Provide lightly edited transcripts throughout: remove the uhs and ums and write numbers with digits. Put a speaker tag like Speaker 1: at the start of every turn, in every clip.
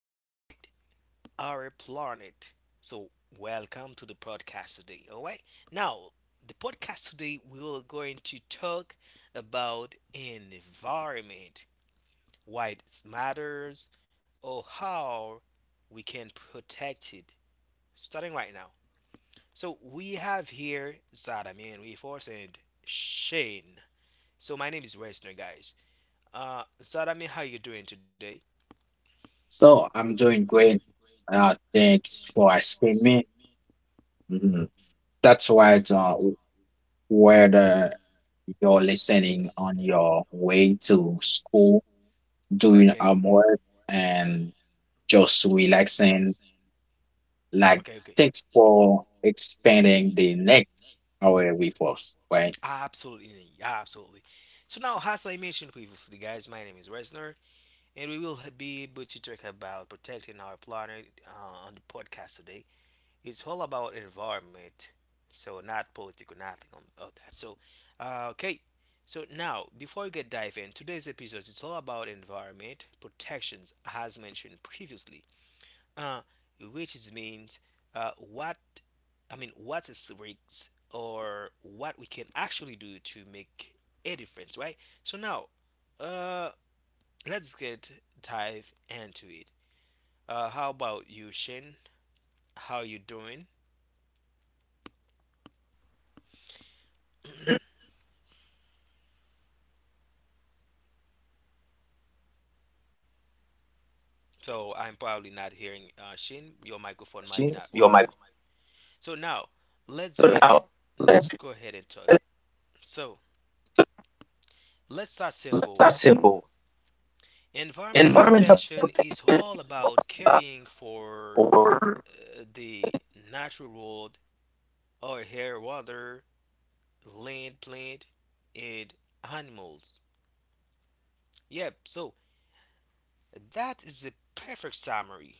Speaker 1: Protect Our Planet. So, Welcome to the podcast today. All right. Now, the podcast today we are going to talk about environment, why it matters, or how we can protect it. Starting right now. So we have here Zadamian Reforce and Shane. So my name is Westner, guys. Zadamian, how you doing today?
Speaker 2: So I'm doing great. Thanks for asking me. Mhm. That's why whether you're listening on your way to school,
Speaker 1: Oh,
Speaker 2: doing
Speaker 1: okay.
Speaker 2: homework, and just relaxing, like
Speaker 1: Okay, okay.
Speaker 2: thanks for expanding the next hour with us, right?
Speaker 1: Absolutely, absolutely. So now, as I mentioned previously, guys, my name is Resner, and we will be able to talk about protecting our planet on the podcast today. It's all about environment, so not political, nothing on about that. So, okay. So now, before we get dive in, today's episode it's all about environment protections, as mentioned previously, uh, which is means uh, what what's its risks or what we can actually do to make a difference, right? So now, uh, let's get dive into it. How about you, Shin? How you doing? So I'm probably not hearing Shin. Your microphone might be not working. So now, let's go ahead. Let's go ahead and talk. So let's start simple. Environmental protection is all about caring for the natural world or air, water, land, plant, and animals. Yep, so that is the perfect summary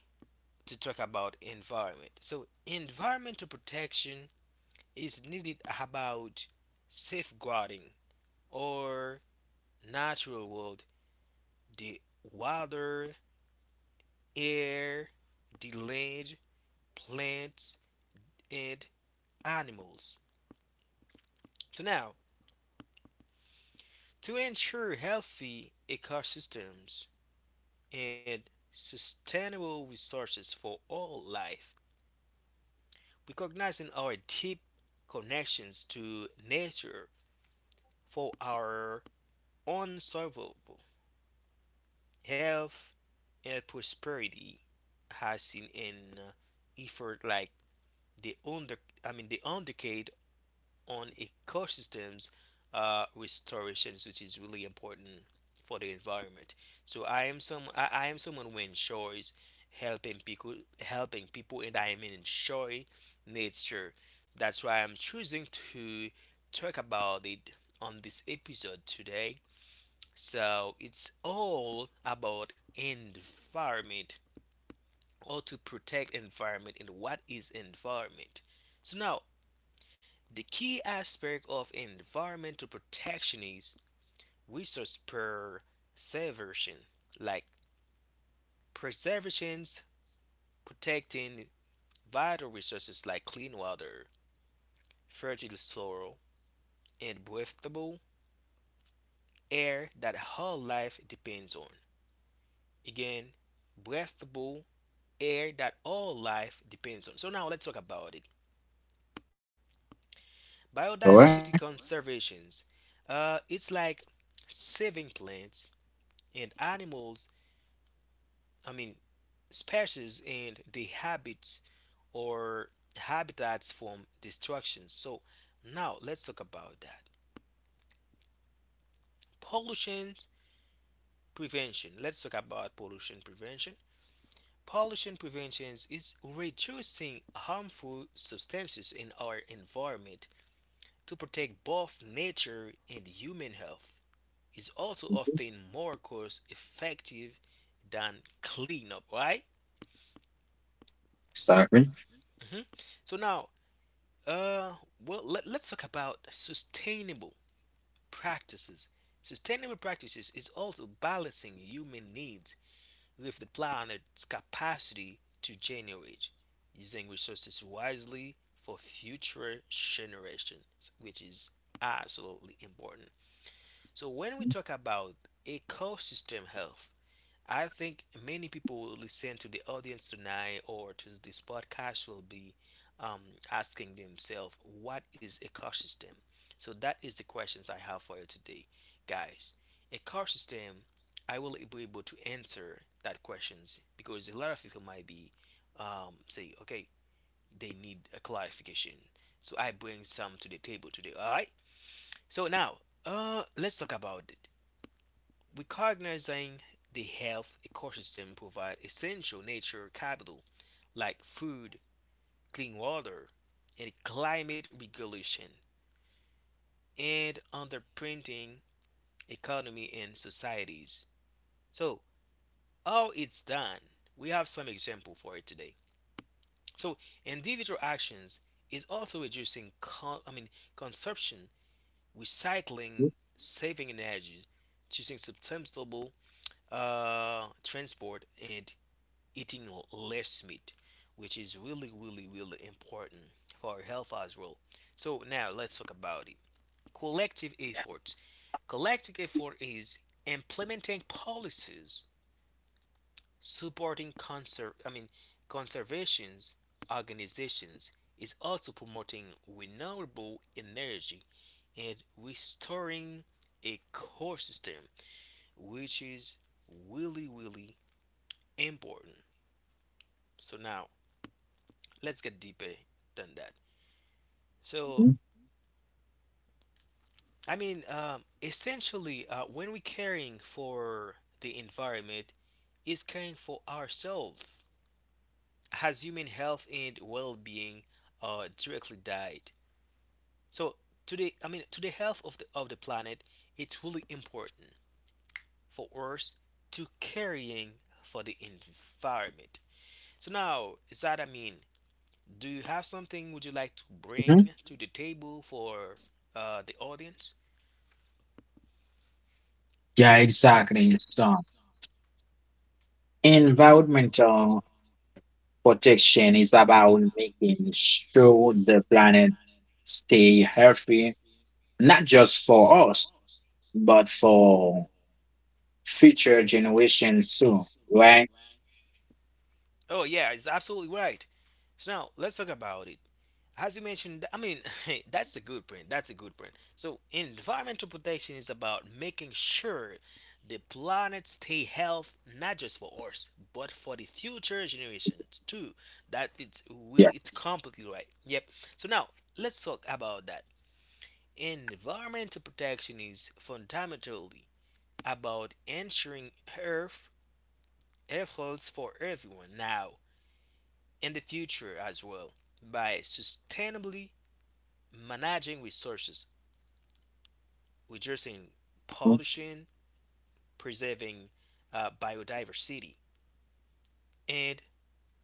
Speaker 1: to talk about environment. So, environmental protection is needed about safeguarding or natural world, the water, air, the land, plants, and animals. So, now to ensure healthy ecosystems, and sustainable resources for all life, recognizing our deep connections to nature for our unsurvivable health and prosperity has seen an effort like the under I mean the on decade on ecosystems restorations, which is really important for the environment. So I am someone who enjoys helping people helping people and I am enjoy nature. That's why I'm choosing to talk about it on this episode today. So it's all about environment or to protect environment and what is environment. So now the key aspect of environmental protection is resource preservation, like preservations protecting vital resources like clean water, fertile soil, and breathable air that all life depends on. Again, breathable air that all life depends on. So now let's talk about it.
Speaker 2: All right.
Speaker 1: Biodiversity conservations. It's like saving plants and animals I mean, species and the habits or habitats from destruction. So now let's talk about that. Pollution prevention. Let's talk about pollution prevention. Pollution prevention is reducing harmful substances in our environment to protect both nature and human health. It's also often more cost effective than cleanup, right?
Speaker 2: Exactly.
Speaker 1: Mhm. So now Uh, well, let's talk about sustainable practices. Sustainable practices is also balancing human needs with the planet's capacity to generate, using resources wisely for future generations, which is absolutely important. So, when we talk about ecosystem health, I think many people will listen to the audience tonight or to this podcast will be um, asking themselves, what is ecosystem? So that is the questions I have for you today, guys. Ecosystem, I will be able to answer that questions because a lot of people might be say, okay, they need a clarification. So I bring some to the table today. All right. So now, let's talk about it. Recognizing the health ecosystem provide essential nature capital like food, clean water, and climate regulation, and underprinting economy and societies. So, how it's done, we have some example for it today. So, individual actions is also reducing consumption, recycling, saving energy, choosing sustainable transport, and eating less meat, which is really, really, really important for our health as well. So now let's talk about it. Collective efforts. Collective effort is implementing policies supporting conservations organizations is also promoting renewable energy and restoring ecosystem, which is really, really important. So now let's get deeper than that. So,
Speaker 2: Mhm.
Speaker 1: essentially, when we're caring for the environment, is caring for ourselves. Has human health and well-being directly died? So, to the health of the planet, it's really important for us to caring for the environment. So now, Zad, do you have something would you like to
Speaker 2: Mhm.
Speaker 1: bring to the table for the audience?
Speaker 2: Yeah, exactly. So environmental Protection is about making sure the planet stay healthy, not just for us, but for future generations too, right?
Speaker 1: Oh yeah, it's absolutely right. So now let's talk about it. As you mentioned, that's a good print. That's a good print. So environmental protection is about making sure the planet stay healthy, not just for us but for the future generations too. That it's
Speaker 2: Yeah.
Speaker 1: really it's completely right. Yep. So now let's talk about that. Environmental protection is fundamentally about ensuring Earth air flows for everyone now in the future as well by sustainably managing resources, reducing pollution, preserving biodiversity, and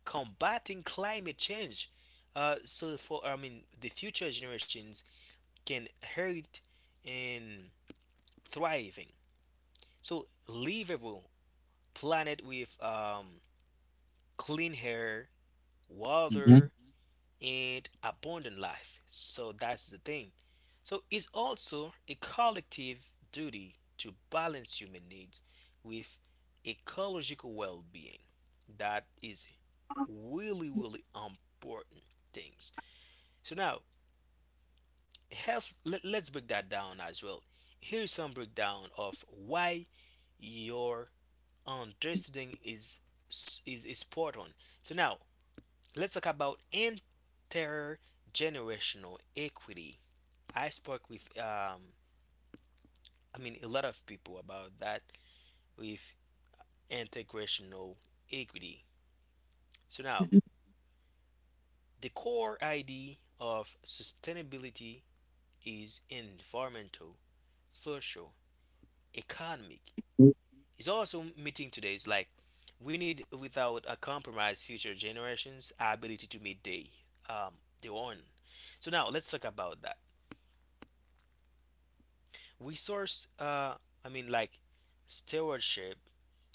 Speaker 1: combating climate change. So for the future generations can inherit and thriving. So livable planet with clean air,
Speaker 2: Mhm.
Speaker 1: water, and abundant life. So that's the thing. So it's also a collective duty to balance human needs with ecological well-being. That is really really important things. So now health. Let's break that down as well. Here's some breakdown of why your understanding is spot on. So now let's talk about intergenerational equity. I spoke with, a lot of people about that with integrational equity. So now, the core idea of sustainability is environmental, social, economic. It's also meeting today's like we need without a compromise future generations' ability to meet they um, their own. So now let's talk about that. Resource, I mean, like stewardship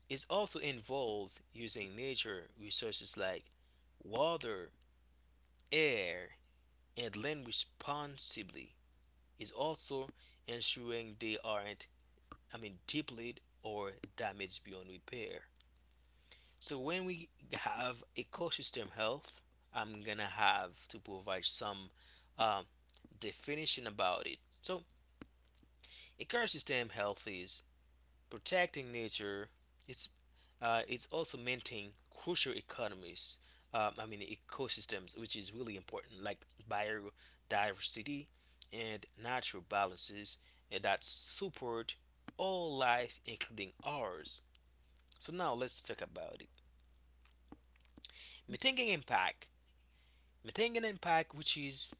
Speaker 1: is also involves using nature resources like water, air, and land responsibly. Is also ensuring they aren't, depleted or damaged beyond repair. So when we have ecosystem health, I'm gonna have to provide some um, definition about it. So ecosystem health is protecting nature it's it's also maintaining crucial economies. Ecosystems, which is really important, like biodiversity and natural balances and that support all life, including ours. So now let's talk about it. Mitigating impact, mitigating impact, which is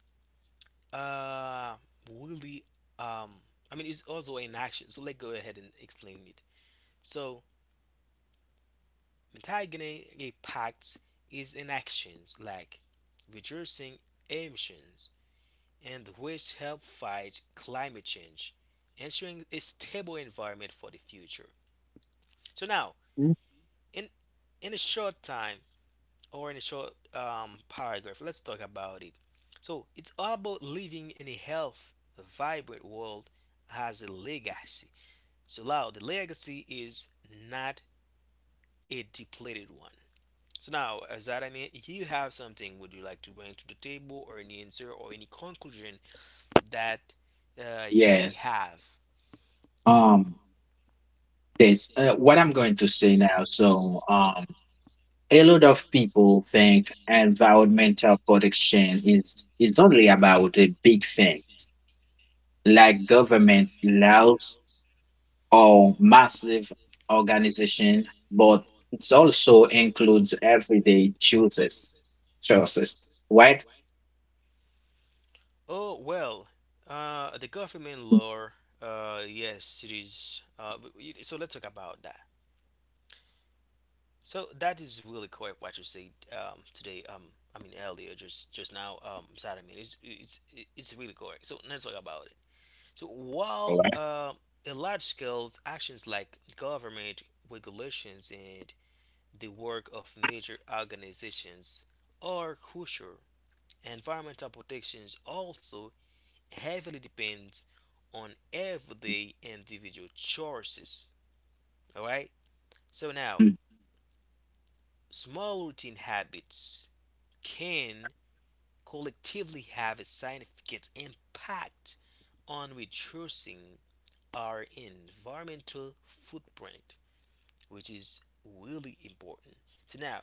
Speaker 1: uh really um I mean it's also an action. So let's go ahead and explain it. So antagoning impacts is in actions like reducing emissions and which help fight climate change, ensuring a stable environment for the future. So now,
Speaker 2: Mhm.
Speaker 1: in in a short time or in a short paragraph, let's talk about it. So it's all about living in a health, vibrant world as a legacy. So now the legacy is not a depleted one. So now, as that I mean, if you have something would you like to bring to the table, or any answer, or any conclusion that you may
Speaker 2: Yes.
Speaker 1: have?
Speaker 2: Um, this what I'm going to say now. So, a lot of people think environmental protection is only about the big things like government laws or massive organization, but it also includes everyday choices. Choices, right?
Speaker 1: Oh well, the government law. Yes, it is. So let's talk about that. So that is really correct what you said today. Earlier, just now. Sorry, it's really correct. So let's talk about it. So
Speaker 2: All
Speaker 1: while
Speaker 2: right.
Speaker 1: a large scale actions like government regulations and the work of major organizations are crucial. Environmental protections also heavily depends on everyday individual choices. All right. So now, small routine habits can collectively have a significant impact on reducing our environmental footprint, which is really important. So now,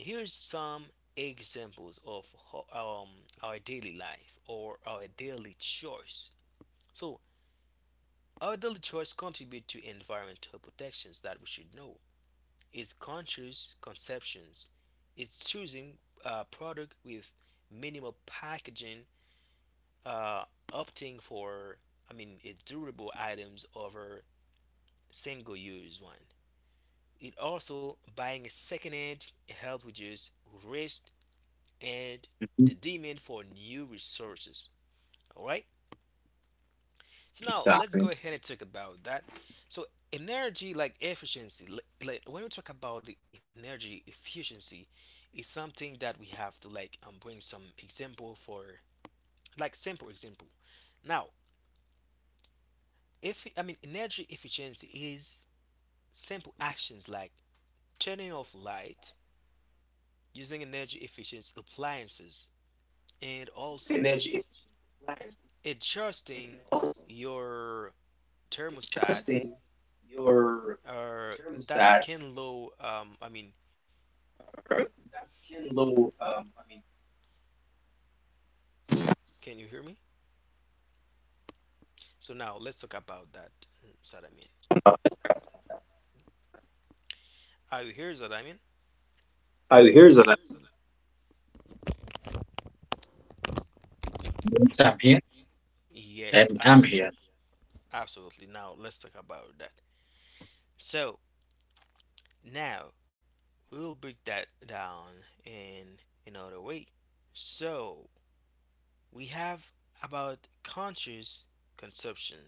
Speaker 1: here's some examples of our daily life or our daily choice. So, our daily choice contribute to environmental protections that we should know. It's conscious conceptions. It's choosing a product with minimal packaging, uh, opting for, a durable items over single-use one. It also buying a second-hand help reduce waste and
Speaker 2: Mhm.
Speaker 1: the demand for new resources. All right. So now let's go
Speaker 2: Exactly.
Speaker 1: ahead and talk about that. So energy like efficiency, like when we talk about the energy efficiency, is something that we have to like bring some example for like simple example. Now, if I mean energy efficiency is simple actions like turning off light, using energy efficient appliances, and also adjusting your thermostat or that's can low I mean can you hear me? So now let's talk about that Sadamin. Are you here Sadamin?
Speaker 2: Yes, I'm here. I'm,
Speaker 1: Yes,
Speaker 2: I'm here.
Speaker 1: absolutely. Absolutely. Now let's talk about that. So now we'll break that down in another way. So we have about conscious consumption.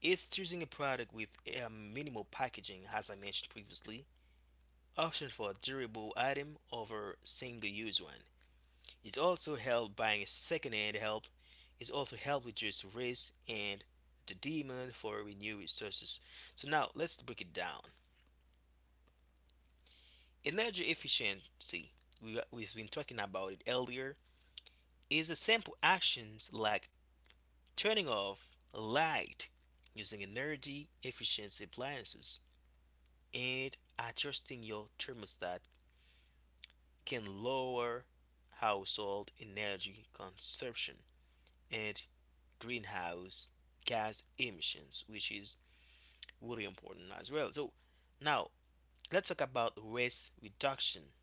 Speaker 1: It's choosing a product with a minimal packaging, as I mentioned previously, option for durable item over single-use one is also help buying a second-hand help is also help reduce risk and the demand for renewable resources. So now let's break it down. Energy efficiency, we've been talking about it earlier, is the simple actions like turning off light using energy efficiency appliances and adjusting your thermostat can lower household energy consumption and greenhouse gas emissions, which is really important as well. So now let's talk about waste reduction.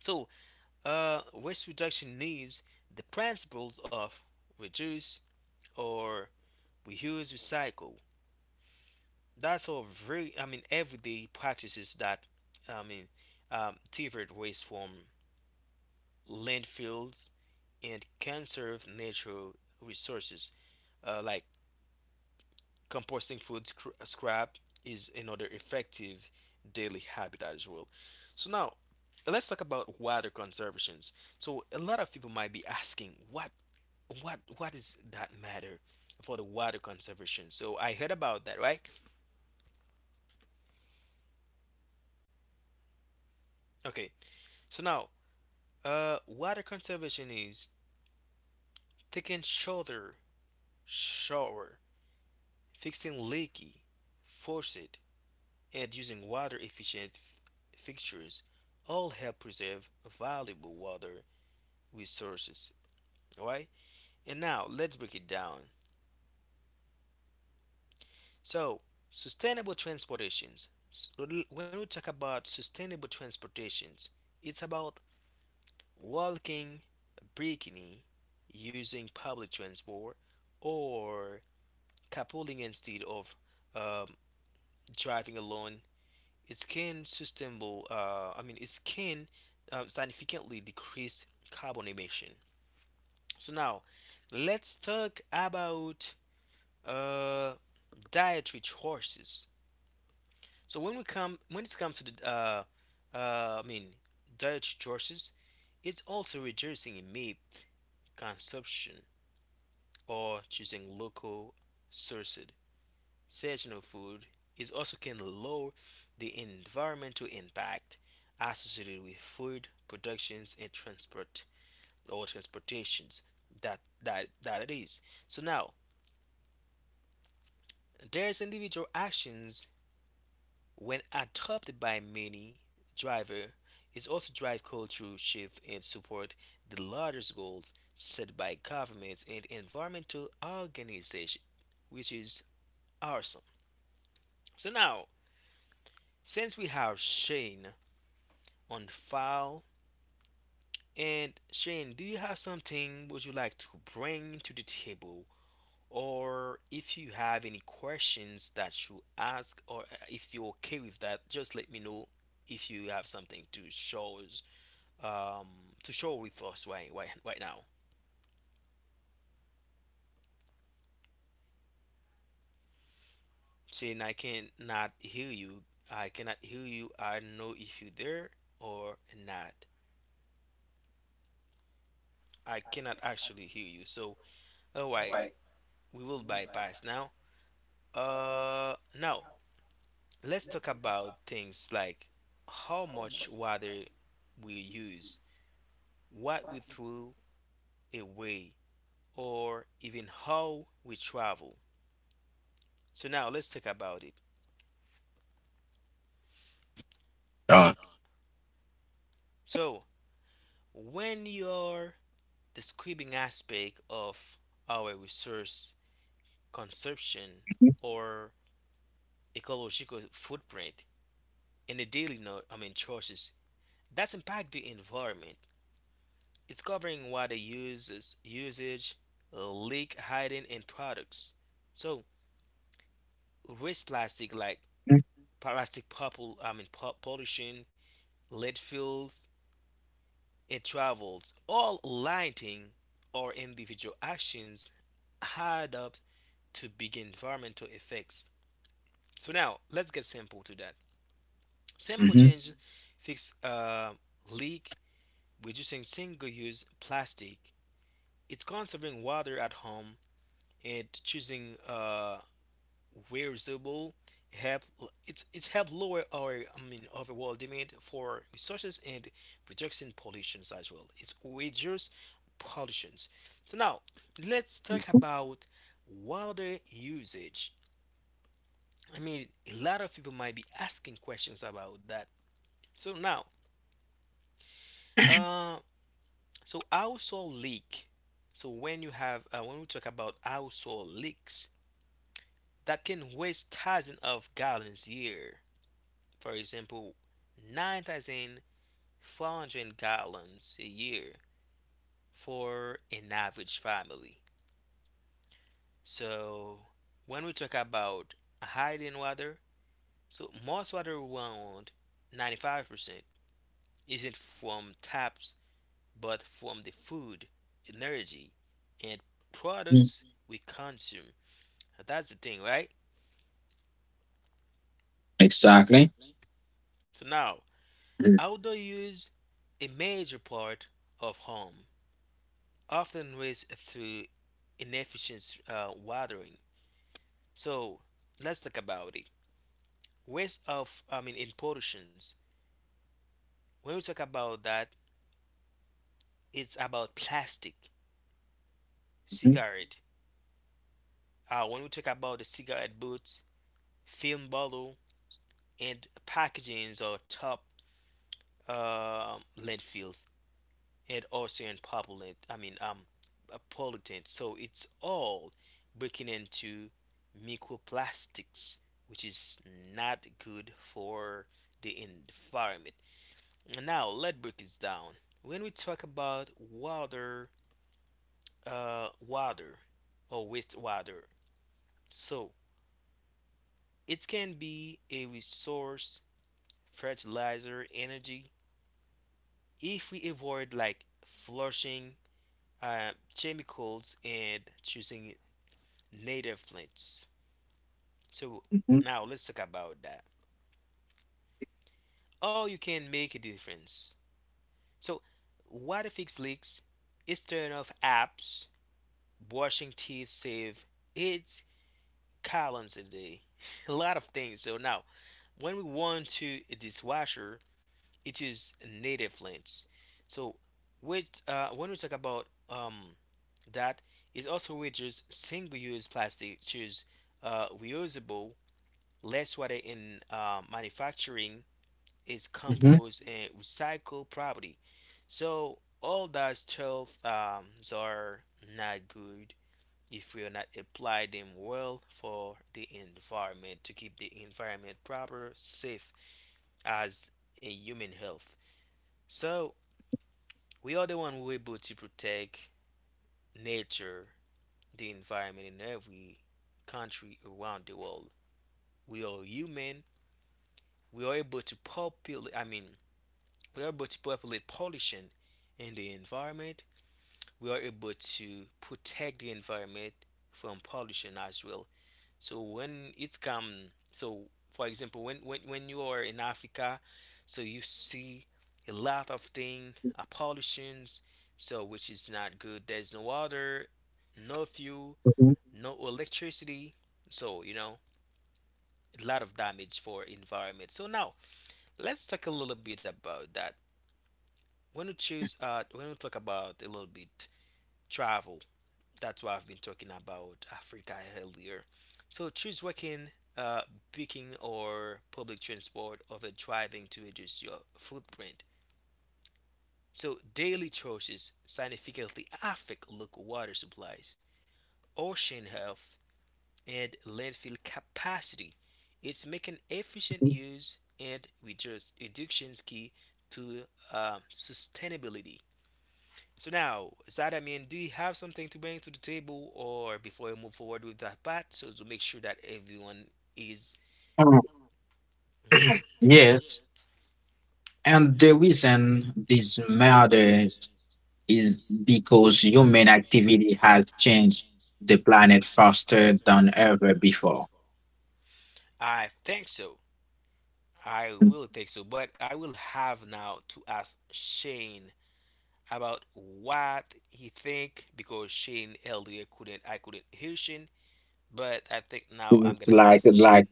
Speaker 1: So waste reduction needs the principles of reduce or reuse, recycle. That's all very, everyday practices that, I mean, divert waste from landfills and conserve natural resources. Like composting scrap is another effective daily habit as well. So now let's talk about water conservations. So a lot of people might be asking, what is that matter for the water conservation? So I heard about that, right? Okay, so now water conservation is taking shorter shower, fixing leaky faucet, and using water efficient fixtures all help preserve valuable water resources. Alright, and now let's break it down. So, sustainable transportations. When we talk about sustainable transportations, it's about walking, biking, using public transport, or carpooling instead of um, driving alone. It can sustainable. It can significantly decrease carbon emission. So now, let's talk about uh, dietary choices. So when it comes to the, uh, I mean, dietary choices, it's also reducing meat consumption or choosing local sourced seasonal food is also can lower the environmental impact associated with food productions and transport or transportations. That it is. So now there's individual actions when adopted by many driver is also drive culture shift and support the largest goals set by governments and environmental organizations, which is awesome. So now, since we have seen on file. And Shane, do you have something would you like to bring to the table? Or if you have any questions that you ask, or if you're okay with that, just let me know if you have something to show us, um, to show with us right now. Shane, I cannot hear you. I cannot hear you. I don't know if you're there or not. I cannot actually hear you. So, all right, we will bypass now. Now let's talk about things like how much water we use, what we throw away, or even how we travel. So now let's talk about it.
Speaker 2: Uh,
Speaker 1: So when you're describing aspect of our resource consumption or ecological footprint in the daily I mean choices that's impact the environment. It's covering water uses usage, leak hiding in products. So waste plastic like plastic popul I mean po- pollution, lead fuels, it travels. All lighting or individual actions add up to big environmental effects. So now let's get simple to that. Simple
Speaker 2: mhm,
Speaker 1: change, fix leak, reducing single-use plastic. It's conserving water at home and choosing reusable help. It's help lower our overall demand for resources and reducing pollutions as well. It's reduce pollutions. So now let's talk about water usage. I mean a lot of people might be asking questions about that. So now uh household leak. So when you have when we talk about household leaks that can waste thousands of gallons a year. For example, 9,400 gallons a year for an average family. So, when we talk about hiding water, so most water around 95% isn't from taps but from the food, energy, and
Speaker 2: mhm.
Speaker 1: products we consume. That's the thing, right?
Speaker 2: Exactly.
Speaker 1: So now
Speaker 2: Mhm,
Speaker 1: outdoor use a major part of home, often raised through inefficient watering. So let's talk about it. Waste of I mean In pollutions. When we talk about that, it's about plastic,
Speaker 2: mhm,
Speaker 1: cigarette. When we talk about the cigarette butts, film bottle, and packagings or top landfills, and also in populate I mean pollutant. So it's all breaking into microplastics, which is not good for the environment. Now let's break this down. When we talk about water, uh, water or wastewater, so it can be a resource, fertilizer, energy. If we avoid like flushing uh, chemicals and choosing native plants. So now let's talk about that. How you can make a difference. So what fix leaks is turn off apps, brushing teeth save 8 gallons a day. A lot of things. So now when we want to a dishwasher, it is native plants. So which when we talk about that it also reduces single-use plastic, choose reusable. Less water in manufacturing is
Speaker 2: mhm,
Speaker 1: compost and recycle property. So all those tools are not good if we are not apply them well for the environment, to keep the environment proper, safe as a human health. So we are the one who are able to protect nature, the environment in every country around the world. We are human. We are able to populate. I mean, we are able to populate pollution in the environment. We are able to protect the environment from pollution as well. So when it's come, so for example, when you are in Africa, so you see a lot of thing, pollutions, so which is not good. There's no water, no fuel,
Speaker 2: mhm,
Speaker 1: no electricity. So you know a lot of damage for environment. So now let's talk a little bit about that. When we talk about a little bit travel, that's why I've been talking about Africa earlier. So choose walking, uh biking, or public transport over driving to reduce your footprint. So daily choices significantly affect local water supplies, ocean health, and landfill capacity. It's making efficient
Speaker 2: mhm.
Speaker 1: use and reduce reductions key to sustainability. So now, Zad, do you have something to bring to the table, or before we move forward with that part, so to make sure that everyone is,
Speaker 2: Uh,
Speaker 1: mhm.
Speaker 2: Yes. And the reason this matters is because human activity has changed the planet faster than ever before.
Speaker 1: I think so. I will think so, but I will have now to ask Shane about what he think because Shane earlier couldn't, I couldn't hear Shane, but I think now
Speaker 2: Seems
Speaker 1: I'm gonna
Speaker 2: like
Speaker 1: ask
Speaker 2: like
Speaker 1: Shane.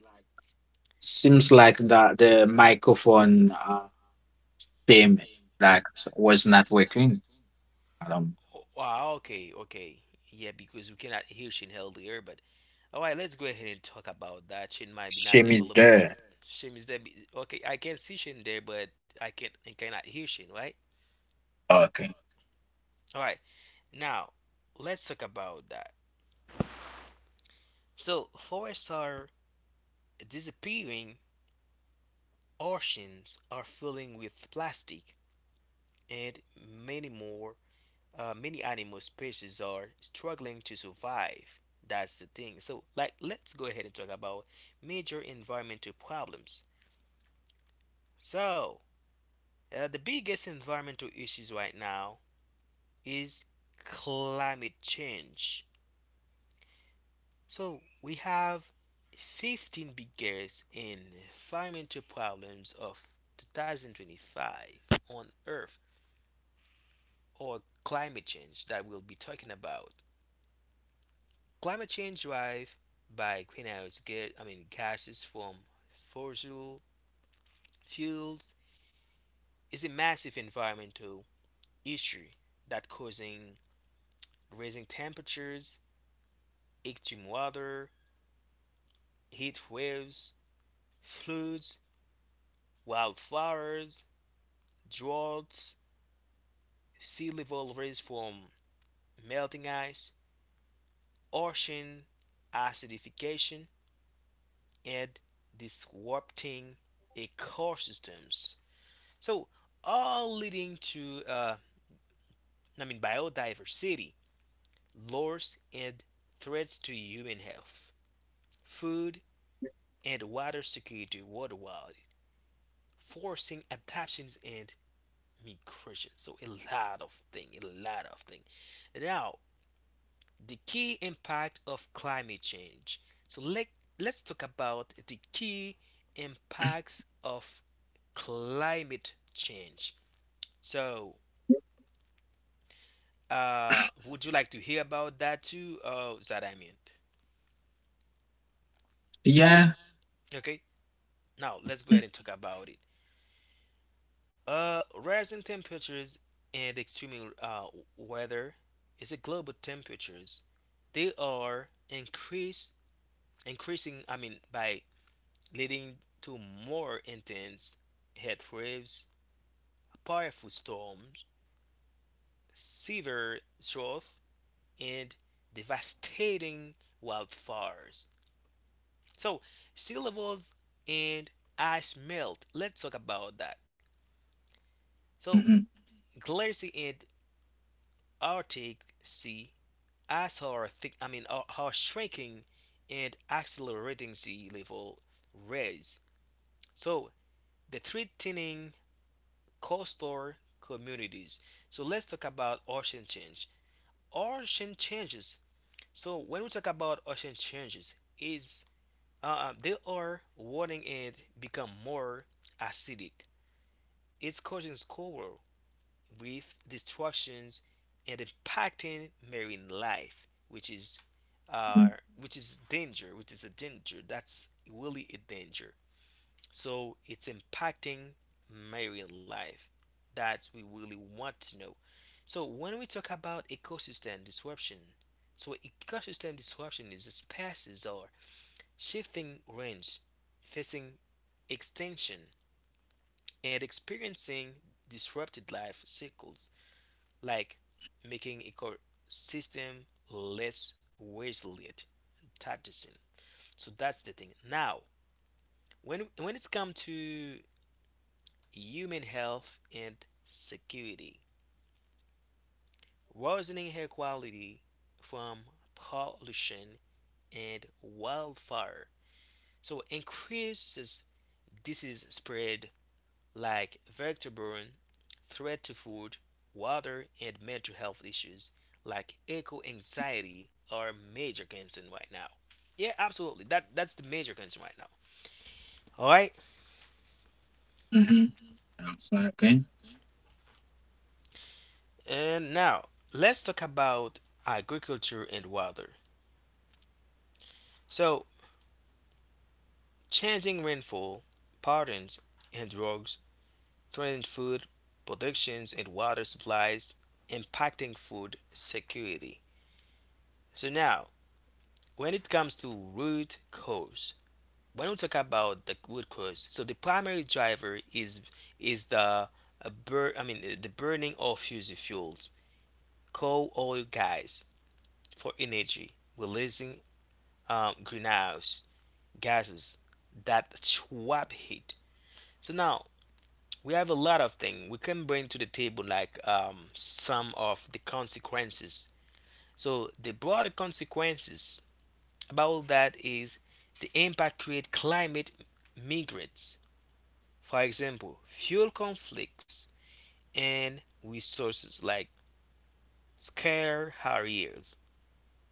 Speaker 2: seems like that the microphone shame was not working. Um,
Speaker 1: Oh, wow, okay, okay. Yeah, because we cannot hear Shin earlier, but all right, let's go ahead and talk about that. Shin might be not
Speaker 2: shame is
Speaker 1: available.
Speaker 2: there.
Speaker 1: Shin is there. Okay, I can see Shin there, but I cannot hear Shin, right?
Speaker 2: Okay.
Speaker 1: All right, now let's talk about that. So forests are disappearing, oceans are filling with plastic, and many more many animal species are struggling to survive. That's the thing. So, like, let's go ahead and talk about major environmental problems. So, the biggest environmental issues right now is climate change. So, we have 15 biggest environmental problems of 2025 on Earth or climate change that we'll be talking about. Climate change drive by greenhouse gases from fossil fuels is a massive environmental issue that causing rising temperatures, extreme weather, heat waves, floods, wildfires, droughts, sea level rise from melting ice, ocean acidification, and disrupting ecosystems. So all leading to biodiversity loss and threats to human health, food and water security worldwide, forcing adaptations and migration. So a lot of thing, a lot of thing. Now the key impact of climate change. So let's talk about the key impacts of climate change. So would you like to hear about that too? That I meant.
Speaker 2: Yeah.
Speaker 1: Okay, now let's go ahead and talk about it. Rising temperatures and extreme weather is a global temperatures. They are increase increasing. I mean, by leading to more intense heat waves, powerful storms, severe drought, and devastating wildfires. So, sea levels and ice melt. Let's talk about that. So,
Speaker 2: Mm-hmm.
Speaker 1: glacier and Arctic Sea ice are are shrinking and accelerating sea level rise. So, the threatening coastal communities. So, let's talk about ocean change. Ocean changes. So, when we talk about ocean changes, is they are warming and become more acidic. It's causing squall reef destructions and impacting marine life, which is uh, which is a danger. That's really a danger. So it's impacting marine life. That we really want to know. So when we talk about ecosystem disruption, so ecosystem disruption is the species are shifting range, facing extinction, and experiencing disrupted life cycles, like making ecosystem less resilient. Tacticing. So that's the thing. Now, when it's come to human health and security, worsening air quality from pollution and wildfire. So increases disease spread like vector-borne threat to food, water, and mental health issues like eco anxiety are major concern right now. Yeah, absolutely. That's the major concern right now. All right.
Speaker 2: Mm-hmm. That's Okay.
Speaker 1: And now let's talk about agriculture and water. So, changing rainfall patterns and droughts threaten food productions and water supplies, impacting food security. So now, when it comes to root cause, when we talk about the root cause, so the primary driver is the the burning of fossil fuels, coal oil gas, for energy releasing greenhouse gases that trap heat. So now we have a lot of things we can bring to the table like some of the consequences. So the broader consequences about that is the impact create climate migrants. For example, fuel conflicts and resources like scare harriers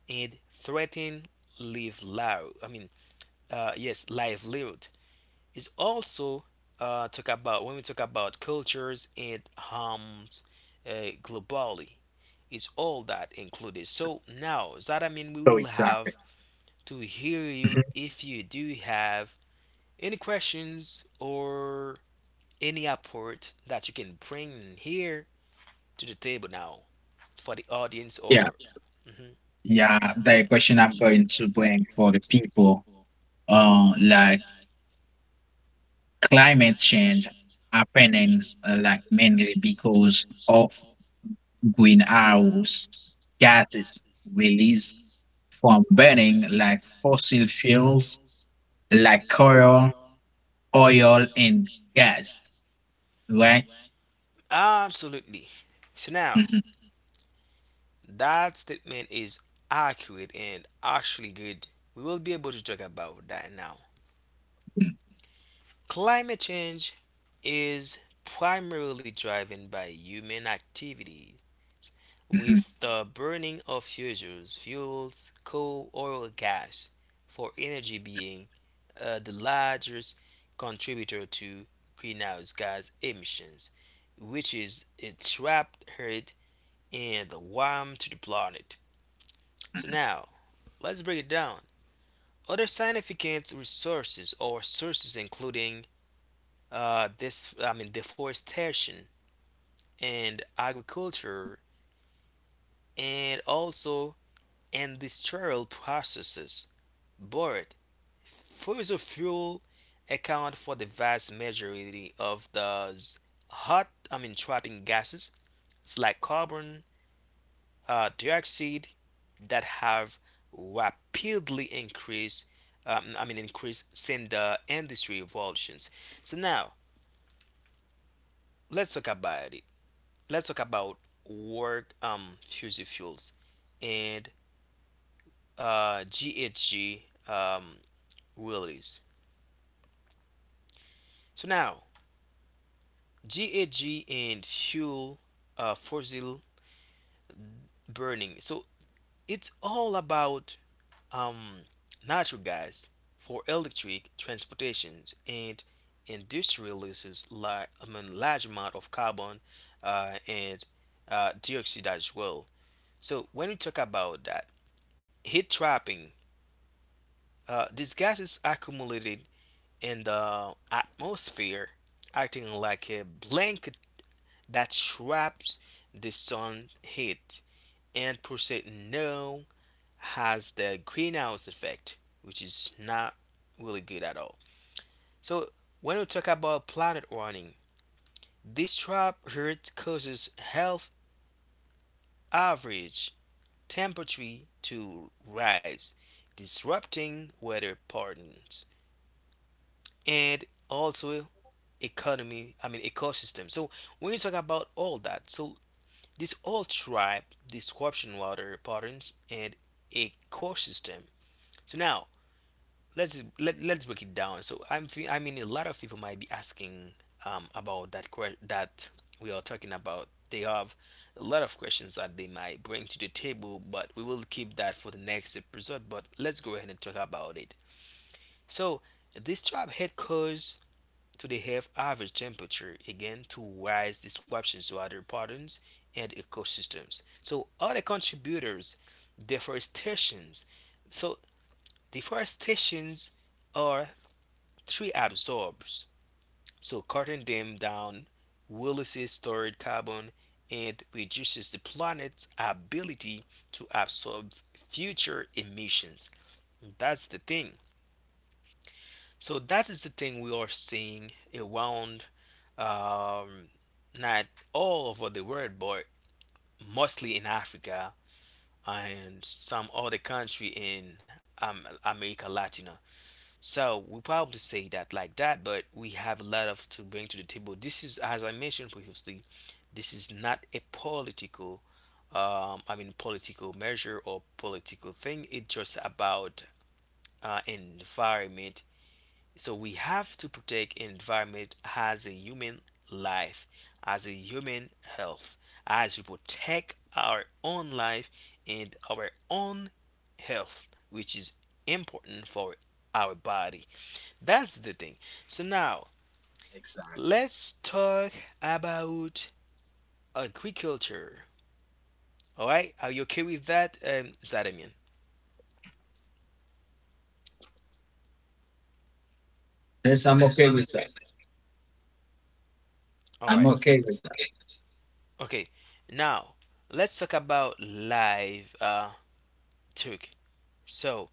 Speaker 1: and threaten live loud. I mean, yes, livelihood is also talk about when we talk about cultures and harms globally. It's all that included. So now, we
Speaker 2: So
Speaker 1: will
Speaker 2: exactly.
Speaker 1: have to hear you
Speaker 2: Mhm.
Speaker 1: if you do have any questions or any apport that you can bring in here to the table now for the audience
Speaker 2: Yeah.
Speaker 1: or Mhm.
Speaker 2: Yeah. The question I'm going to bring for the people, like climate change happenings, like mainly because of greenhouse gases released from burning like fossil fuels, like coal, oil, and gas, right?
Speaker 1: Absolutely. So now that statement is accurate and actually good. We will be able to talk about that now. Climate change is primarily driven by human activities
Speaker 2: Mhm.
Speaker 1: with the burning of fissures, fuels, coal, oil, gas for energy being the largest contributor to greenhouse gas emissions, which is its trapped heat and the warmth to the planet. So now let's break it down. Other significant resources or sources including this I mean deforestation and agriculture and also industrial processes. But fossil fuel account for the vast majority of those trapping gases like carbon dioxide that have rapidly increased, increased since the industry revolutions. So now let's talk about it. Let's talk about work fossil fuels and GHG um, release. So now GAG and fuel fossil burning. So it's all about um, natural gas for electric transportations and industrial uses like large amount of carbon and dioxide as well. So when we talk about that heat trapping, these gases accumulated in the atmosphere, acting like a blanket that traps the sun heat and percent no has the greenhouse effect, which is not really good at all. So when we talk about planet warming, this trap hurt causes health average temperature to rise, disrupting weather patterns and also economy. I mean ecosystem. So when you talk about all that, so this all tribe disruption water patterns and ecosystem. So now let's break it down. So I'm thi- I mean a lot of people might be asking about that we are talking about. They have a lot of questions that they might bring to the table, but we will keep that for the next episode. But let's go ahead and talk about it. So this trap head cause to the have average temperature again to rise disruptions to other patterns and ecosystems. So other contributors, deforestations. So deforestations are three absorbs, so cutting them down releases stored carbon and reduces the planet's ability to absorb future emissions. That's the thing. So that is the thing we are seeing around, um, not all over the world, but mostly in Africa and some other country in America Latina. So we probably say that like that, but we have a lot of to bring to the table. This is, as I mentioned previously, this is not a political measure or political thing. It's just about environment. So we have to protect environment as a human life, as a human health, as we protect our own life and our own health, which is important for our body. That's the thing. So now let's talk about agriculture. All right, are you okay with that, Zadamian?
Speaker 2: Yes, I'm okay with that.
Speaker 1: All
Speaker 2: I'm
Speaker 1: right.
Speaker 2: okay with
Speaker 1: Okay. Now let's talk about live took. So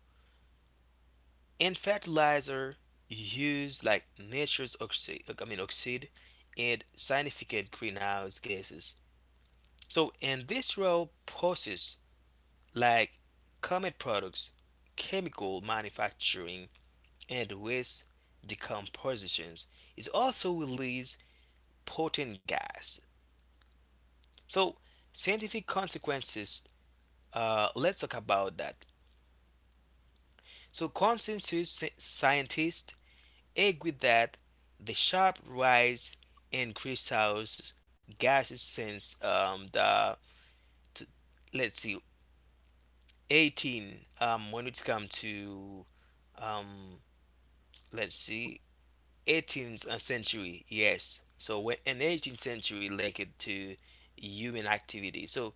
Speaker 1: in fertilizer, use like nature's oxide, I mean oxide, and significant greenhouse gases. So in this role, process like comet products, chemical manufacturing and waste decompositions. It also releases potent gas. So scientific consequences. Let's talk about that. So consensus scientists agree that the sharp rise in greenhouse gases since the t- let's see 18 when it comes to um, let's see 18th century. Yes, so when an 18th century linked to human activity, so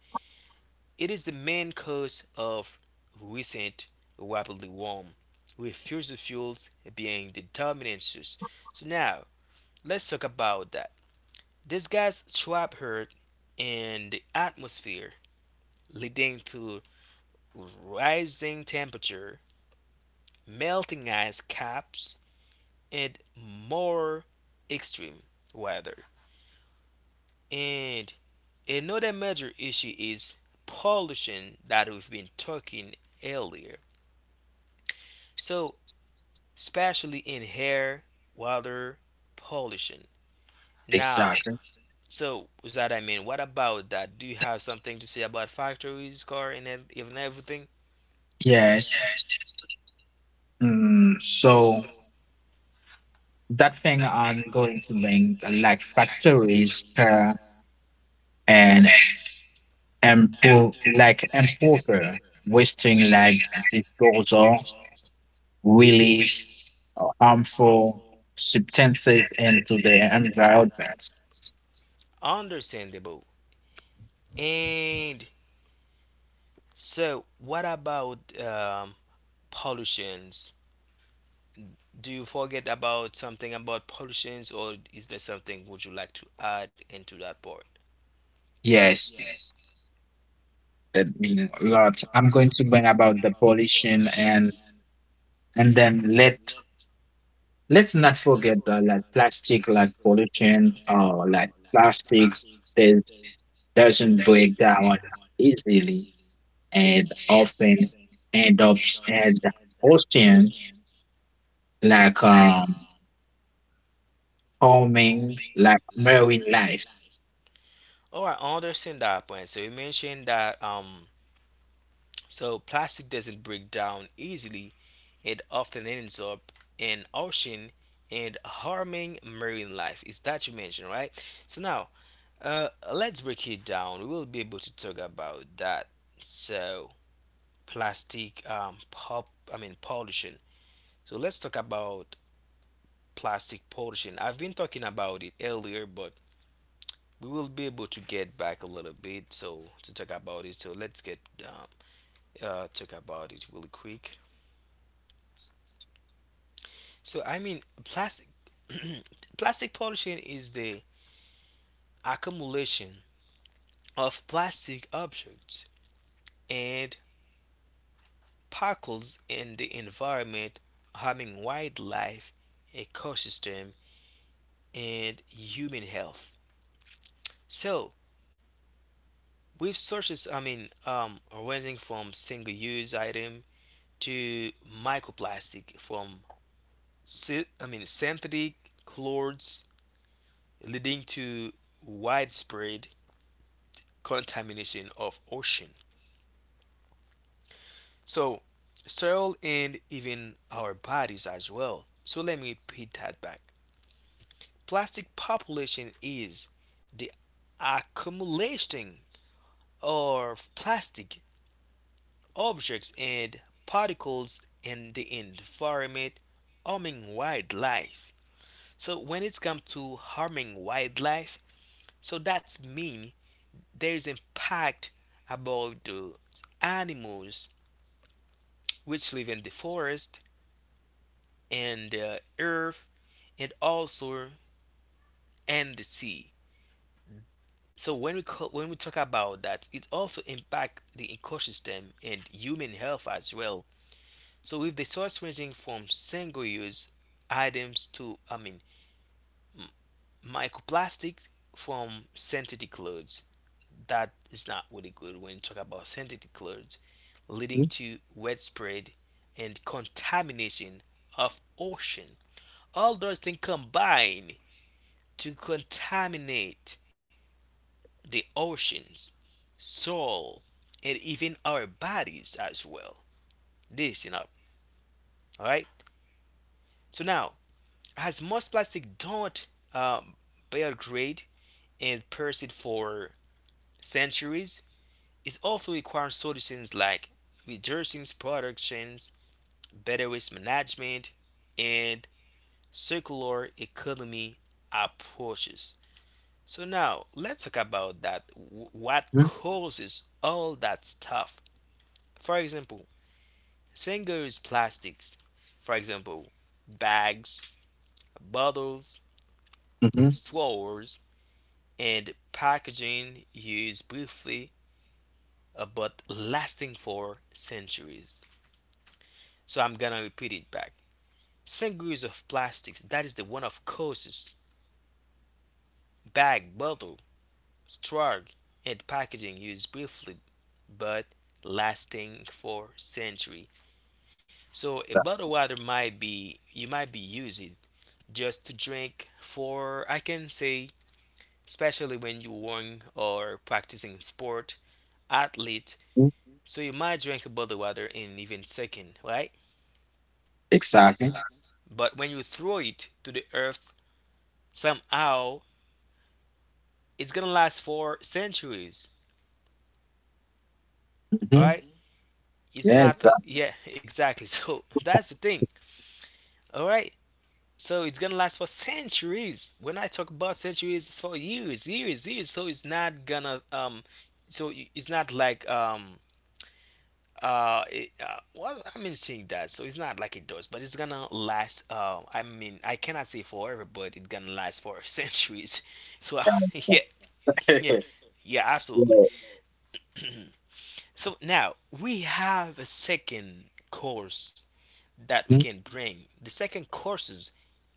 Speaker 1: it is the main cause of recent rapidly warm with fossil fuels being the dominant source. So now let's talk about that. These gas trap heat in the atmosphere leading to rising temperature, melting ice caps, and more extreme weather. And another major issue is pollution that we've been talking earlier. So, especially in air, water pollution.
Speaker 2: that.
Speaker 1: Now,
Speaker 2: Exactly.
Speaker 1: so what about that? Do you have something to say about factories, car, and even everything?
Speaker 2: Yes. So that thing I'm going to bring like factories and import like importer wasting like disposal release harmful substances into the environment.
Speaker 1: Understandable. And so, what about pollutions? Do you forget about something about pollutions, or is there something would you like to add into that part?
Speaker 2: Yes, yes. That means a lot. I'm going to bring about the pollution and then let's not forget that like plastic like pollution or like plastics that doesn't break down easily, and often end up at the ocean like calming like marine life.
Speaker 1: All right, I understand that point. So you mentioned that so plastic doesn't break down easily. It often ends up in ocean and harming marine life. Is that you mentioned, right? So now, let's break it down. We will be able to talk about that. So plastic pop, I mean pollution. So let's talk about plastic pollution. I've been talking about it earlier, but we will be able to get back a little bit so to talk about it. So let's get uh, talk about it really quick. So plastic plastic pollution is the accumulation of plastic objects and particles in the environment, harming wildlife, ecosystem, and human health. So with sources, ranging from single-use item to microplastic from synthetic clothes, leading to widespread contamination of ocean. So soil and even our bodies as well. So let me repeat that back. Plastic population is the accumulation of plastic objects and particles in the environment harming wildlife. So when it comes to harming wildlife, so that's mean there is impact about the animals which live in the forest and the earth and also and the sea. So when we talk about that, it also impact the ecosystem and human health as well. So with the source ranging from single-use items to microplastics from synthetic clothes, that is not really good when you talk about synthetic clothes, leading
Speaker 2: Mhm,
Speaker 1: to widespread and contamination of ocean. All those things combine to contaminate the oceans, soil, and even our bodies as well. Listen up, all right? So now, as most plastic don't um, biodegrade and persist for centuries, it also requires solutions like reducing productions, better waste management, and circular economy approaches. So now let's talk about that. What
Speaker 2: mhm,
Speaker 1: causes all that stuff? For example, same goes plastics, for example, bags, bottles, straws, and packaging used briefly but lasting for centuries. So I'm gonna repeat it back. Same goes of plastics, that is the one of courses, bag, bottle, straw, and packaging used briefly but lasting for century. So a bottle of water might be you might be using just to drink for I can say especially when you run or practicing sport, athlete.
Speaker 2: mhm.
Speaker 1: So you might drink a bottle of water in even second, right?
Speaker 2: Exactly.
Speaker 1: But when you throw it to the earth, somehow it's gonna last for centuries. All
Speaker 2: Mhm,
Speaker 1: right, it's
Speaker 2: yes,
Speaker 1: not.
Speaker 2: that,
Speaker 1: A, yeah, exactly. So that's the thing. All right. So it's gonna last for centuries. When I talk about centuries, it's for years, years, years. So it's not gonna so it's not well. I mean seeing that, so it's not like it does, but it's gonna last. I cannot say forever, but it's gonna last for centuries. So yeah yeah
Speaker 2: that-
Speaker 1: yeah absolutely.
Speaker 2: yeah,
Speaker 1: So now we have a second course that we
Speaker 2: mhm,
Speaker 1: can bring. The second courses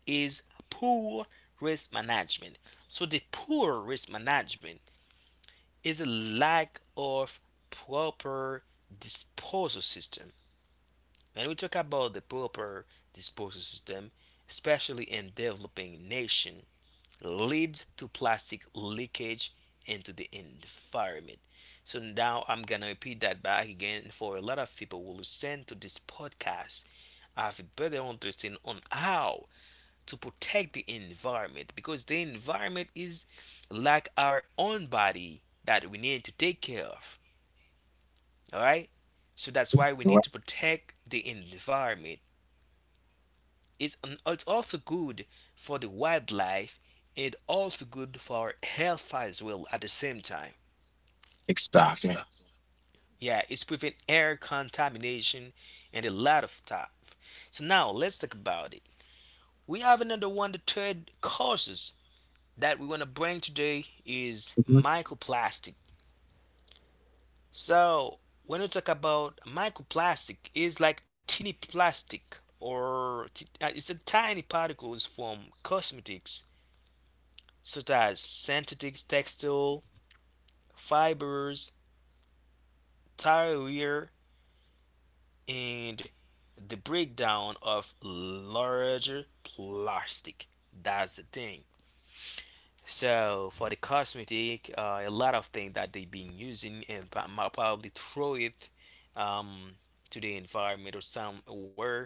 Speaker 1: is poor risk management. So the poor risk management is a lack of proper disposal system. And we talk about the proper disposal system, especially in developing nation, leads to plastic leakage into the environment. So now I'm gonna repeat that back again for a lot of people who listen to this podcast have a better understanding on how to protect the environment, because the environment is like our own body that we need to take care of. All right. So that's why we
Speaker 2: you
Speaker 1: need to protect the environment. It's, an, it's also good for the wildlife and also good for health as well at the same time.
Speaker 2: exactly.
Speaker 1: Yeah, it's prevent air contamination and a lot of stuff. So now let's talk about it. We have another one, the third causes that we want to bring today is
Speaker 2: Mhm,
Speaker 1: microplastic. So when we talk about microplastic, it's like tiny plastic or t- it's the tiny particles from cosmetics such as synthetic textile fibers, tire wear, and the breakdown of larger plastic. That's the thing. So for the cosmetic, a lot of things that they've been using and probably throw it um, to the environment or somewhere,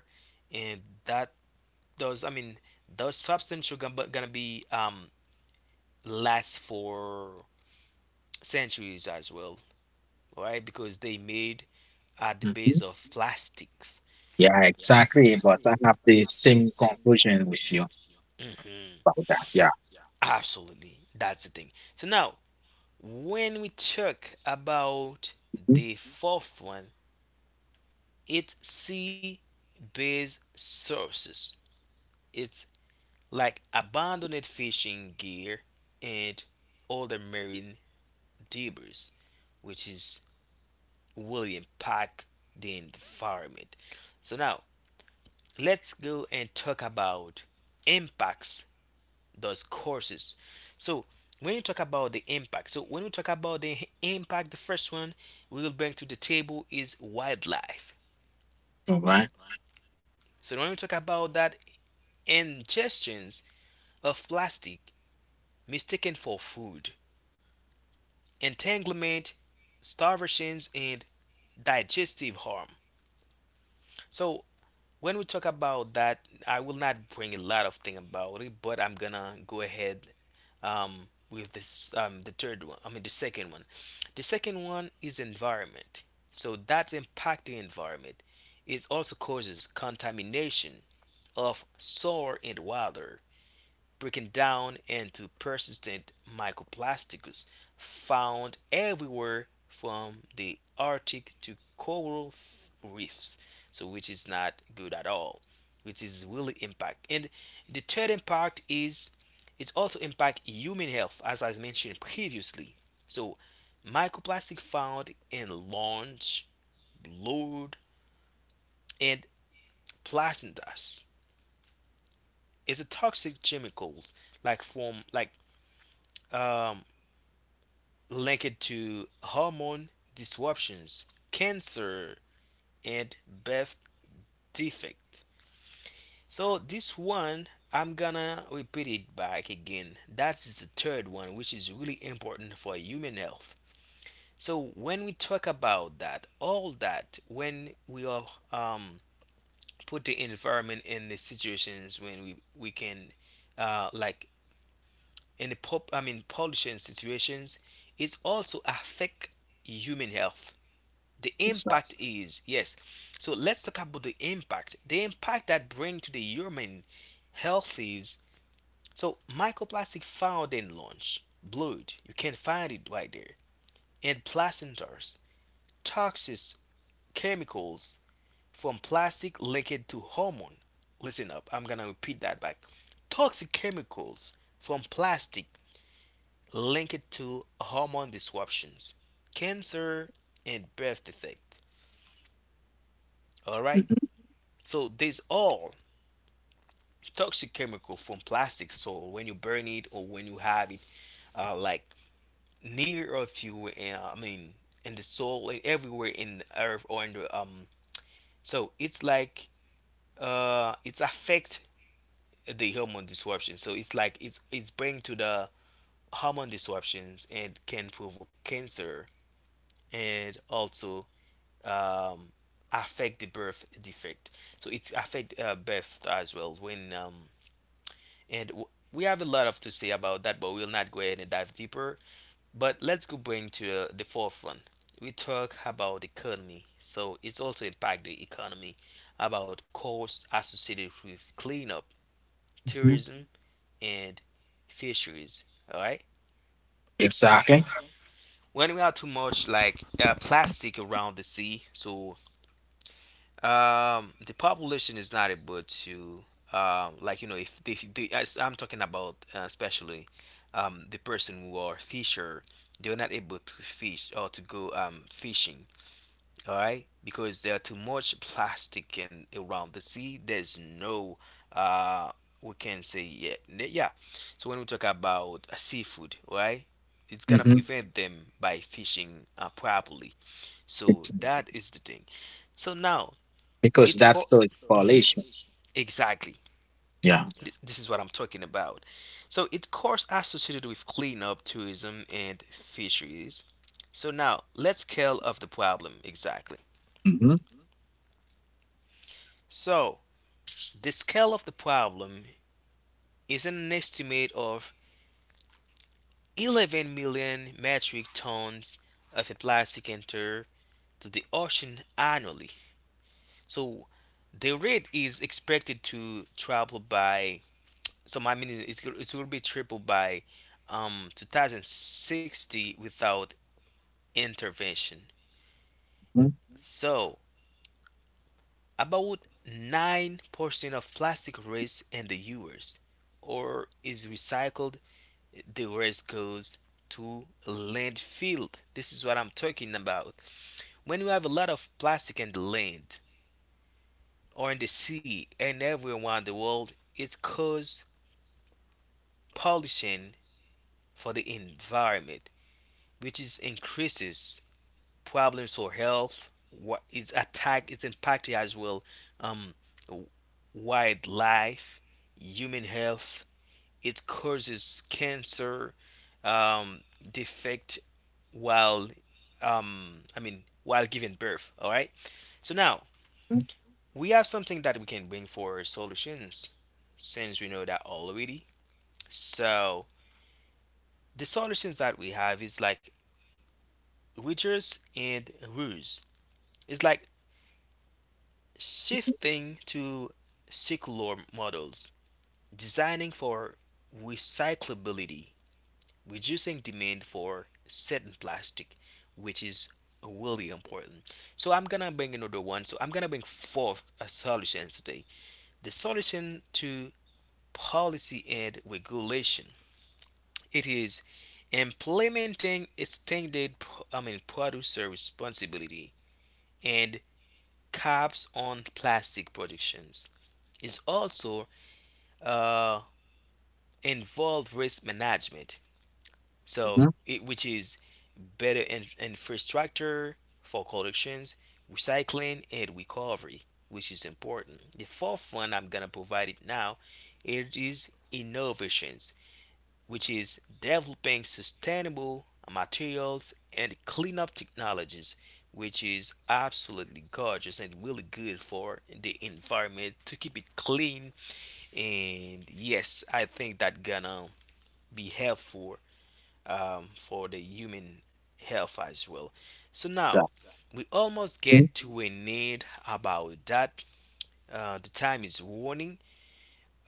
Speaker 1: and that does. Those substances are gonna be last for centuries as well, right? Because they made at the base
Speaker 2: mhm,
Speaker 1: of plastics.
Speaker 2: yeah, exactly. But I have the same conclusion with you
Speaker 1: Mhm.
Speaker 2: about that. Yeah.
Speaker 1: Absolutely. That's the thing. So now, when we talk about
Speaker 2: Mhm.
Speaker 1: the fourth one, it's sea based sources. It's like abandoned fishing gear and other marine debris, which is will impact the environment. So now, let's go and talk about impacts those courses. So when you talk about the impact, so when we talk about the h- impact, the first one we will bring to the table is wildlife.
Speaker 2: All right.
Speaker 1: So when we talk about that, ingestions of plastic mistaken for food, entanglement, starvations, and digestive harm. So when we talk about that, I will not bring a lot of thing about it, but I'm gonna go ahead with this the third one. I mean the second one. The second one is environment. So that's impacting environment. It also causes contamination of soil and water, breaking down into persistent microplastics found everywhere from the Arctic to reefs, so which is not good at all, which is really impact. And the third impact is it also impact human health, as I mentioned previously. So microplastic found in lungs, blood, and placentas is a toxic chemicals like from like um, linked to hormone disruptions, cancer, and birth defect. So this one, I'm gonna repeat it back again. That is the third one, which is really important for human health. So when we talk about that, all that, when we are um, put the environment in the situations when we can, like in I mean pollution situations, it also affect human health. The
Speaker 2: So,
Speaker 1: impact is yes, so let's talk about the impact that bring to the human health is, so microplastic found in lunch, blood, you can find it right there, and placentas, toxic chemicals from plastic linked to hormone, listen up, I'm gonna repeat that back, toxic chemicals from plastic linked to hormone disruptions, cancer, and birth defect. All right. So these all toxic chemical from plastic. So when you burn it or when you have it, like near of you, I mean, in the soil, and everywhere in the earth or in the. So it's like it's affect the hormone disruption. So it's like it's bring to the hormone disruptions and can provoke cancer, and also um affect the birth defect. So it's affect birth as well when And w- we have a lot of to say about that, but we'll not go ahead and dive deeper. But let's go bring to the forefront. We talk about economy, so it's also impact the economy about costs associated with cleanup,
Speaker 2: mhm,
Speaker 1: tourism, and fisheries. All right.
Speaker 2: exactly.
Speaker 1: When we have too much like plastic around the sea, so the population is not able to, like you know, if the, the as I'm talking about, especially, the person who are fisher, they're not able to fish or to go fishing. All right, because there are too much plastic in around the sea. There's no uh we can say yeah. So when we talk about seafood, right, it's gonna
Speaker 2: Mhm,
Speaker 1: prevent them by fishing properly. So that is the thing. So now
Speaker 2: because
Speaker 1: it
Speaker 2: that's
Speaker 1: co-
Speaker 2: the
Speaker 1: Mhm.
Speaker 2: correlation.
Speaker 1: Exactly. Yeah.
Speaker 2: Yeah.
Speaker 1: Yes. This is what I'm talking about. So it costs associated with cleanup, tourism, and fisheries. So now let's scale of the problem exactly.
Speaker 2: Mhm,
Speaker 1: So the scale of the problem is an estimate of 11 million metric tons of a plastic enter to the ocean annually. So the rate is expected to travel by, so my meaning is it will be tripled by 2060 without intervention.
Speaker 2: mhm,
Speaker 1: So about 9% of plastic waste in the US or is recycled, the rest goes to landfill. This is what I'm talking about. When you have a lot of plastic in the land or in the sea and everywhere around the world, it causes pollution for the environment, which is increases problems for health. What is attack? It's impacted as well. Um, wildlife, human health. It causes cancer, um, defect while, I mean, while giving birth. All right. So now
Speaker 2: mhm,
Speaker 1: we have something that we can bring for solutions, since we know that already. So the solutions that we have is like Witchers and Ruse. It's like shifting to circular models, designing for recyclability, reducing demand for certain plastic, which is really important. So I'm gonna bring another one. So I'm gonna bring forth a solution today. The solution to policy and regulation. It is implementing extended, I mean, producer responsibility and caps on plastic productions. It's also uh, involved risk management. So,
Speaker 2: mhm.
Speaker 1: it, which is better in, infrastructure for collections, recycling, and recovery, which is important. The fourth one I'm gonna provide it now. It is innovations, which is developing sustainable materials and cleanup technologies, which is absolutely gorgeous and really good for the environment to keep it clean. And yes, I think that gonna be helpful for the human health as well. So now
Speaker 2: So,
Speaker 1: we almost get to a need about that, the time is warning.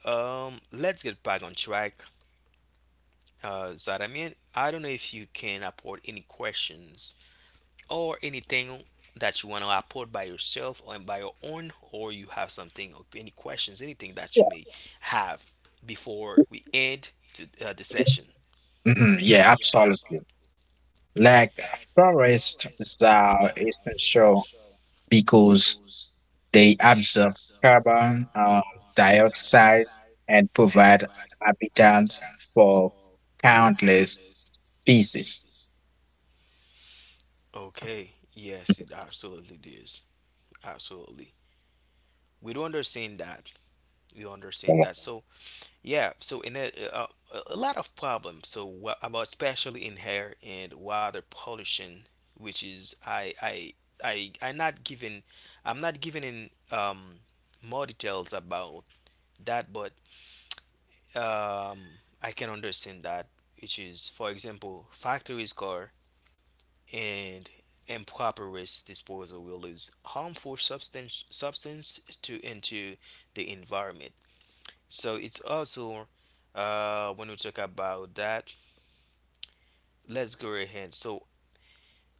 Speaker 1: Let's get back on track. Zadamin, I don't know if you can upload any questions or anything that you want to upload by yourself or by your own, or you have something, or any questions, anything that you
Speaker 2: yeah.
Speaker 1: may have before we end to, the session.
Speaker 2: Mhm, yeah, absolutely. Like forests are essential because they absorb carbon dioxide and provide habitat for countless species.
Speaker 1: Okay, yes, it absolutely is. Absolutely. We do understand that. We understand that. So, yeah, so in a lot of problems. So, what about especially in hair and water pollution, which is I not giving, I'm not giving in more details about that, but um I can understand that, which is for example, factories car and improperous disposal will release harmful substance to into the environment. So it's also when we talk about that, let's go ahead. So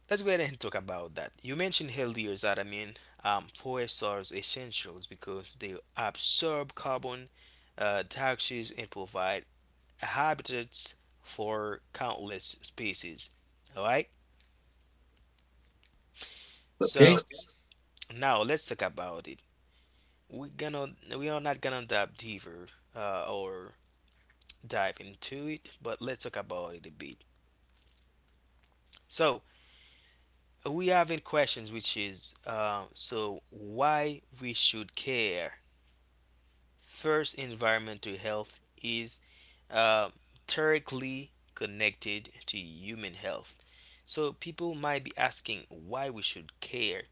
Speaker 1: let's go ahead and talk about that. You mentioned earlier that I mean forests are essentials because they absorb carbon dioxide and provide habitats for countless species. All right.
Speaker 2: Okay.
Speaker 1: So now let's talk about it. we are gonna we are not gonna dive deeper or dive into it, but let's talk about it a bit. So we have in questions which is so why we should care. First, environmental health is uh, directly connected to human health. So people might be asking why we should care.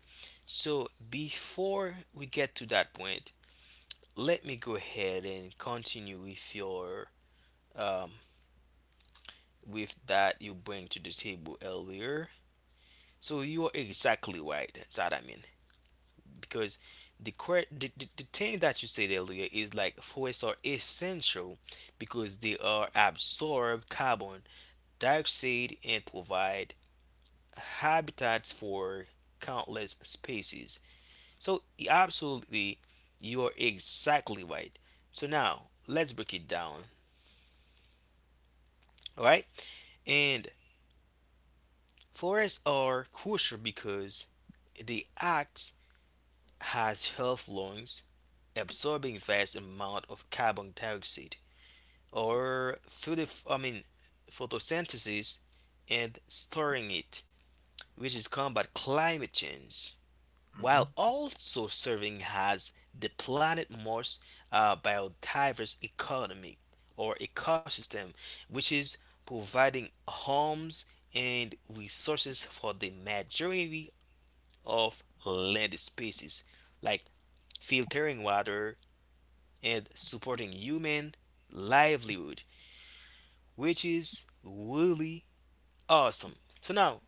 Speaker 1: So before we get to that point, let me go ahead and continue with your um, with that you bring to the table earlier. So you're exactly right, Zadamin, because the thing that you said earlier is like forests are essential because they are absorb carbon dioxide and provide habitats for countless species. So absolutely, you're exactly right. So now let's break it down, all right? And forests are crucial because they act has health lungs, absorbing vast amount of carbon dioxide or through I mean photosynthesis, and storing it, which is combat climate change, while also serving as the planet most biodiverse economy or ecosystem, which is providing homes and resources for the majority of land species, like filtering water and supporting human livelihood, which is really awesome. So now,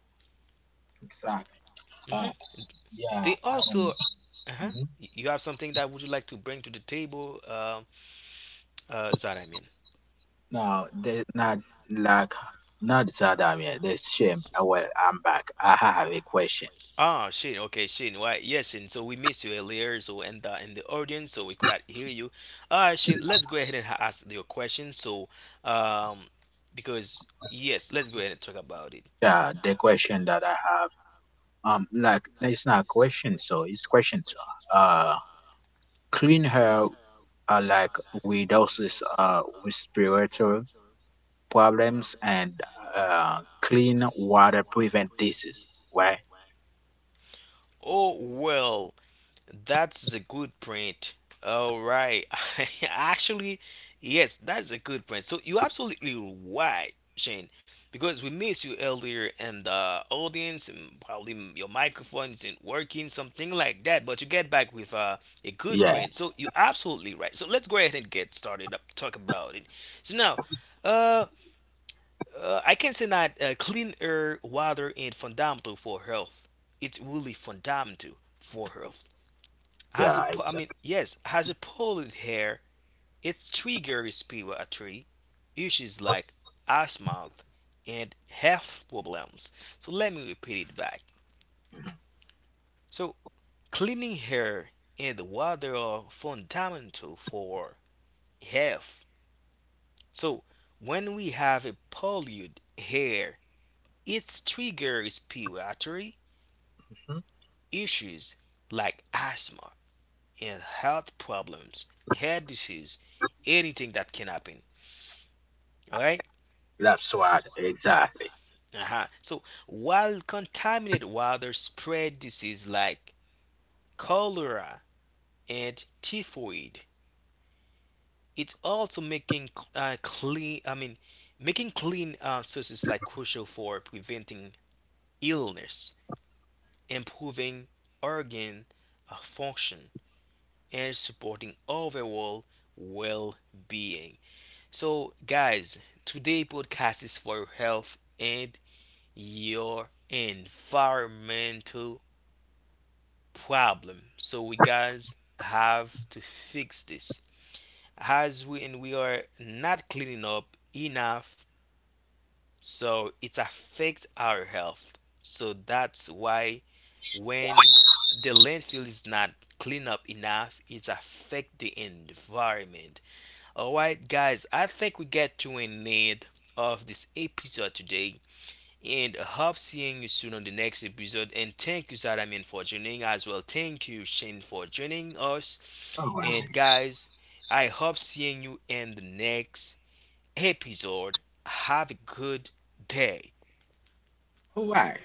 Speaker 3: Exactly. Uh,
Speaker 1: mhm,
Speaker 3: yeah.
Speaker 1: they also, uh-huh,
Speaker 3: Mhm.
Speaker 1: you have something that would you like to bring to the table, Zaramin?
Speaker 3: Now, there's not like not Saddam yet. There's shame. Well, I'm back. I have a question.
Speaker 1: Ah, Shane. Okay, Shane. Why? Yes, Shane. So we missed you earlier. So and in the audience, so we could not hear you. All right, Shane. Let's go ahead and ask your question. So, um, because yes, let's go ahead and talk about it.
Speaker 3: Yeah, the question that I have, like it's not a question, so it's questions. Uh, Clean hair, like reduces respiratory problems and uh clean water prevent disease. Right?
Speaker 1: Oh well. That's a good print. All right. Actually, yes, that's a good print. So you're absolutely right, Shane, because we missed you earlier and the audience, and probably your microphone isn't working, something like that, but you get back with a good
Speaker 3: Yeah,
Speaker 1: print. So you're absolutely right. So let's go ahead and get started up, talk about it. So now, uh, I can say that clean air, water, and fundamental for health. It's really fundamental for health. As
Speaker 3: yeah.
Speaker 1: I mean, yes, as a polled hair, its trigger respiratory issues like asthma and health problems. So let me repeat it back. So cleaning hair and water are fundamental for health. So when we have a pollute hair, it triggers respiratory
Speaker 3: Mhm.
Speaker 1: issues like asthma and health problems, head disease, anything that can happen. All right.
Speaker 3: That's what exactly.
Speaker 1: Aha. So while contaminated water spread disease like cholera and typhoid, it's also making clean. I mean, making clean sources like crucial for preventing illness, improving organ function, and supporting overall well-being. So, guys, today podcast is for your health and your environmental problem. So we guys have to fix this. As we and we are not cleaning up enough, so it affects our health. So that's why when the landfill is not clean up enough, it affect the environment. Alright guys, I think we get to an end of this episode today. And I hope seeing you soon on the next episode. And thank you, Zadamin, for joining as well. Thank you, Shane, for joining us. And guys, I hope seeing you in the next episode. Have a good
Speaker 3: Why?
Speaker 1: day.
Speaker 3: Listen. Oh.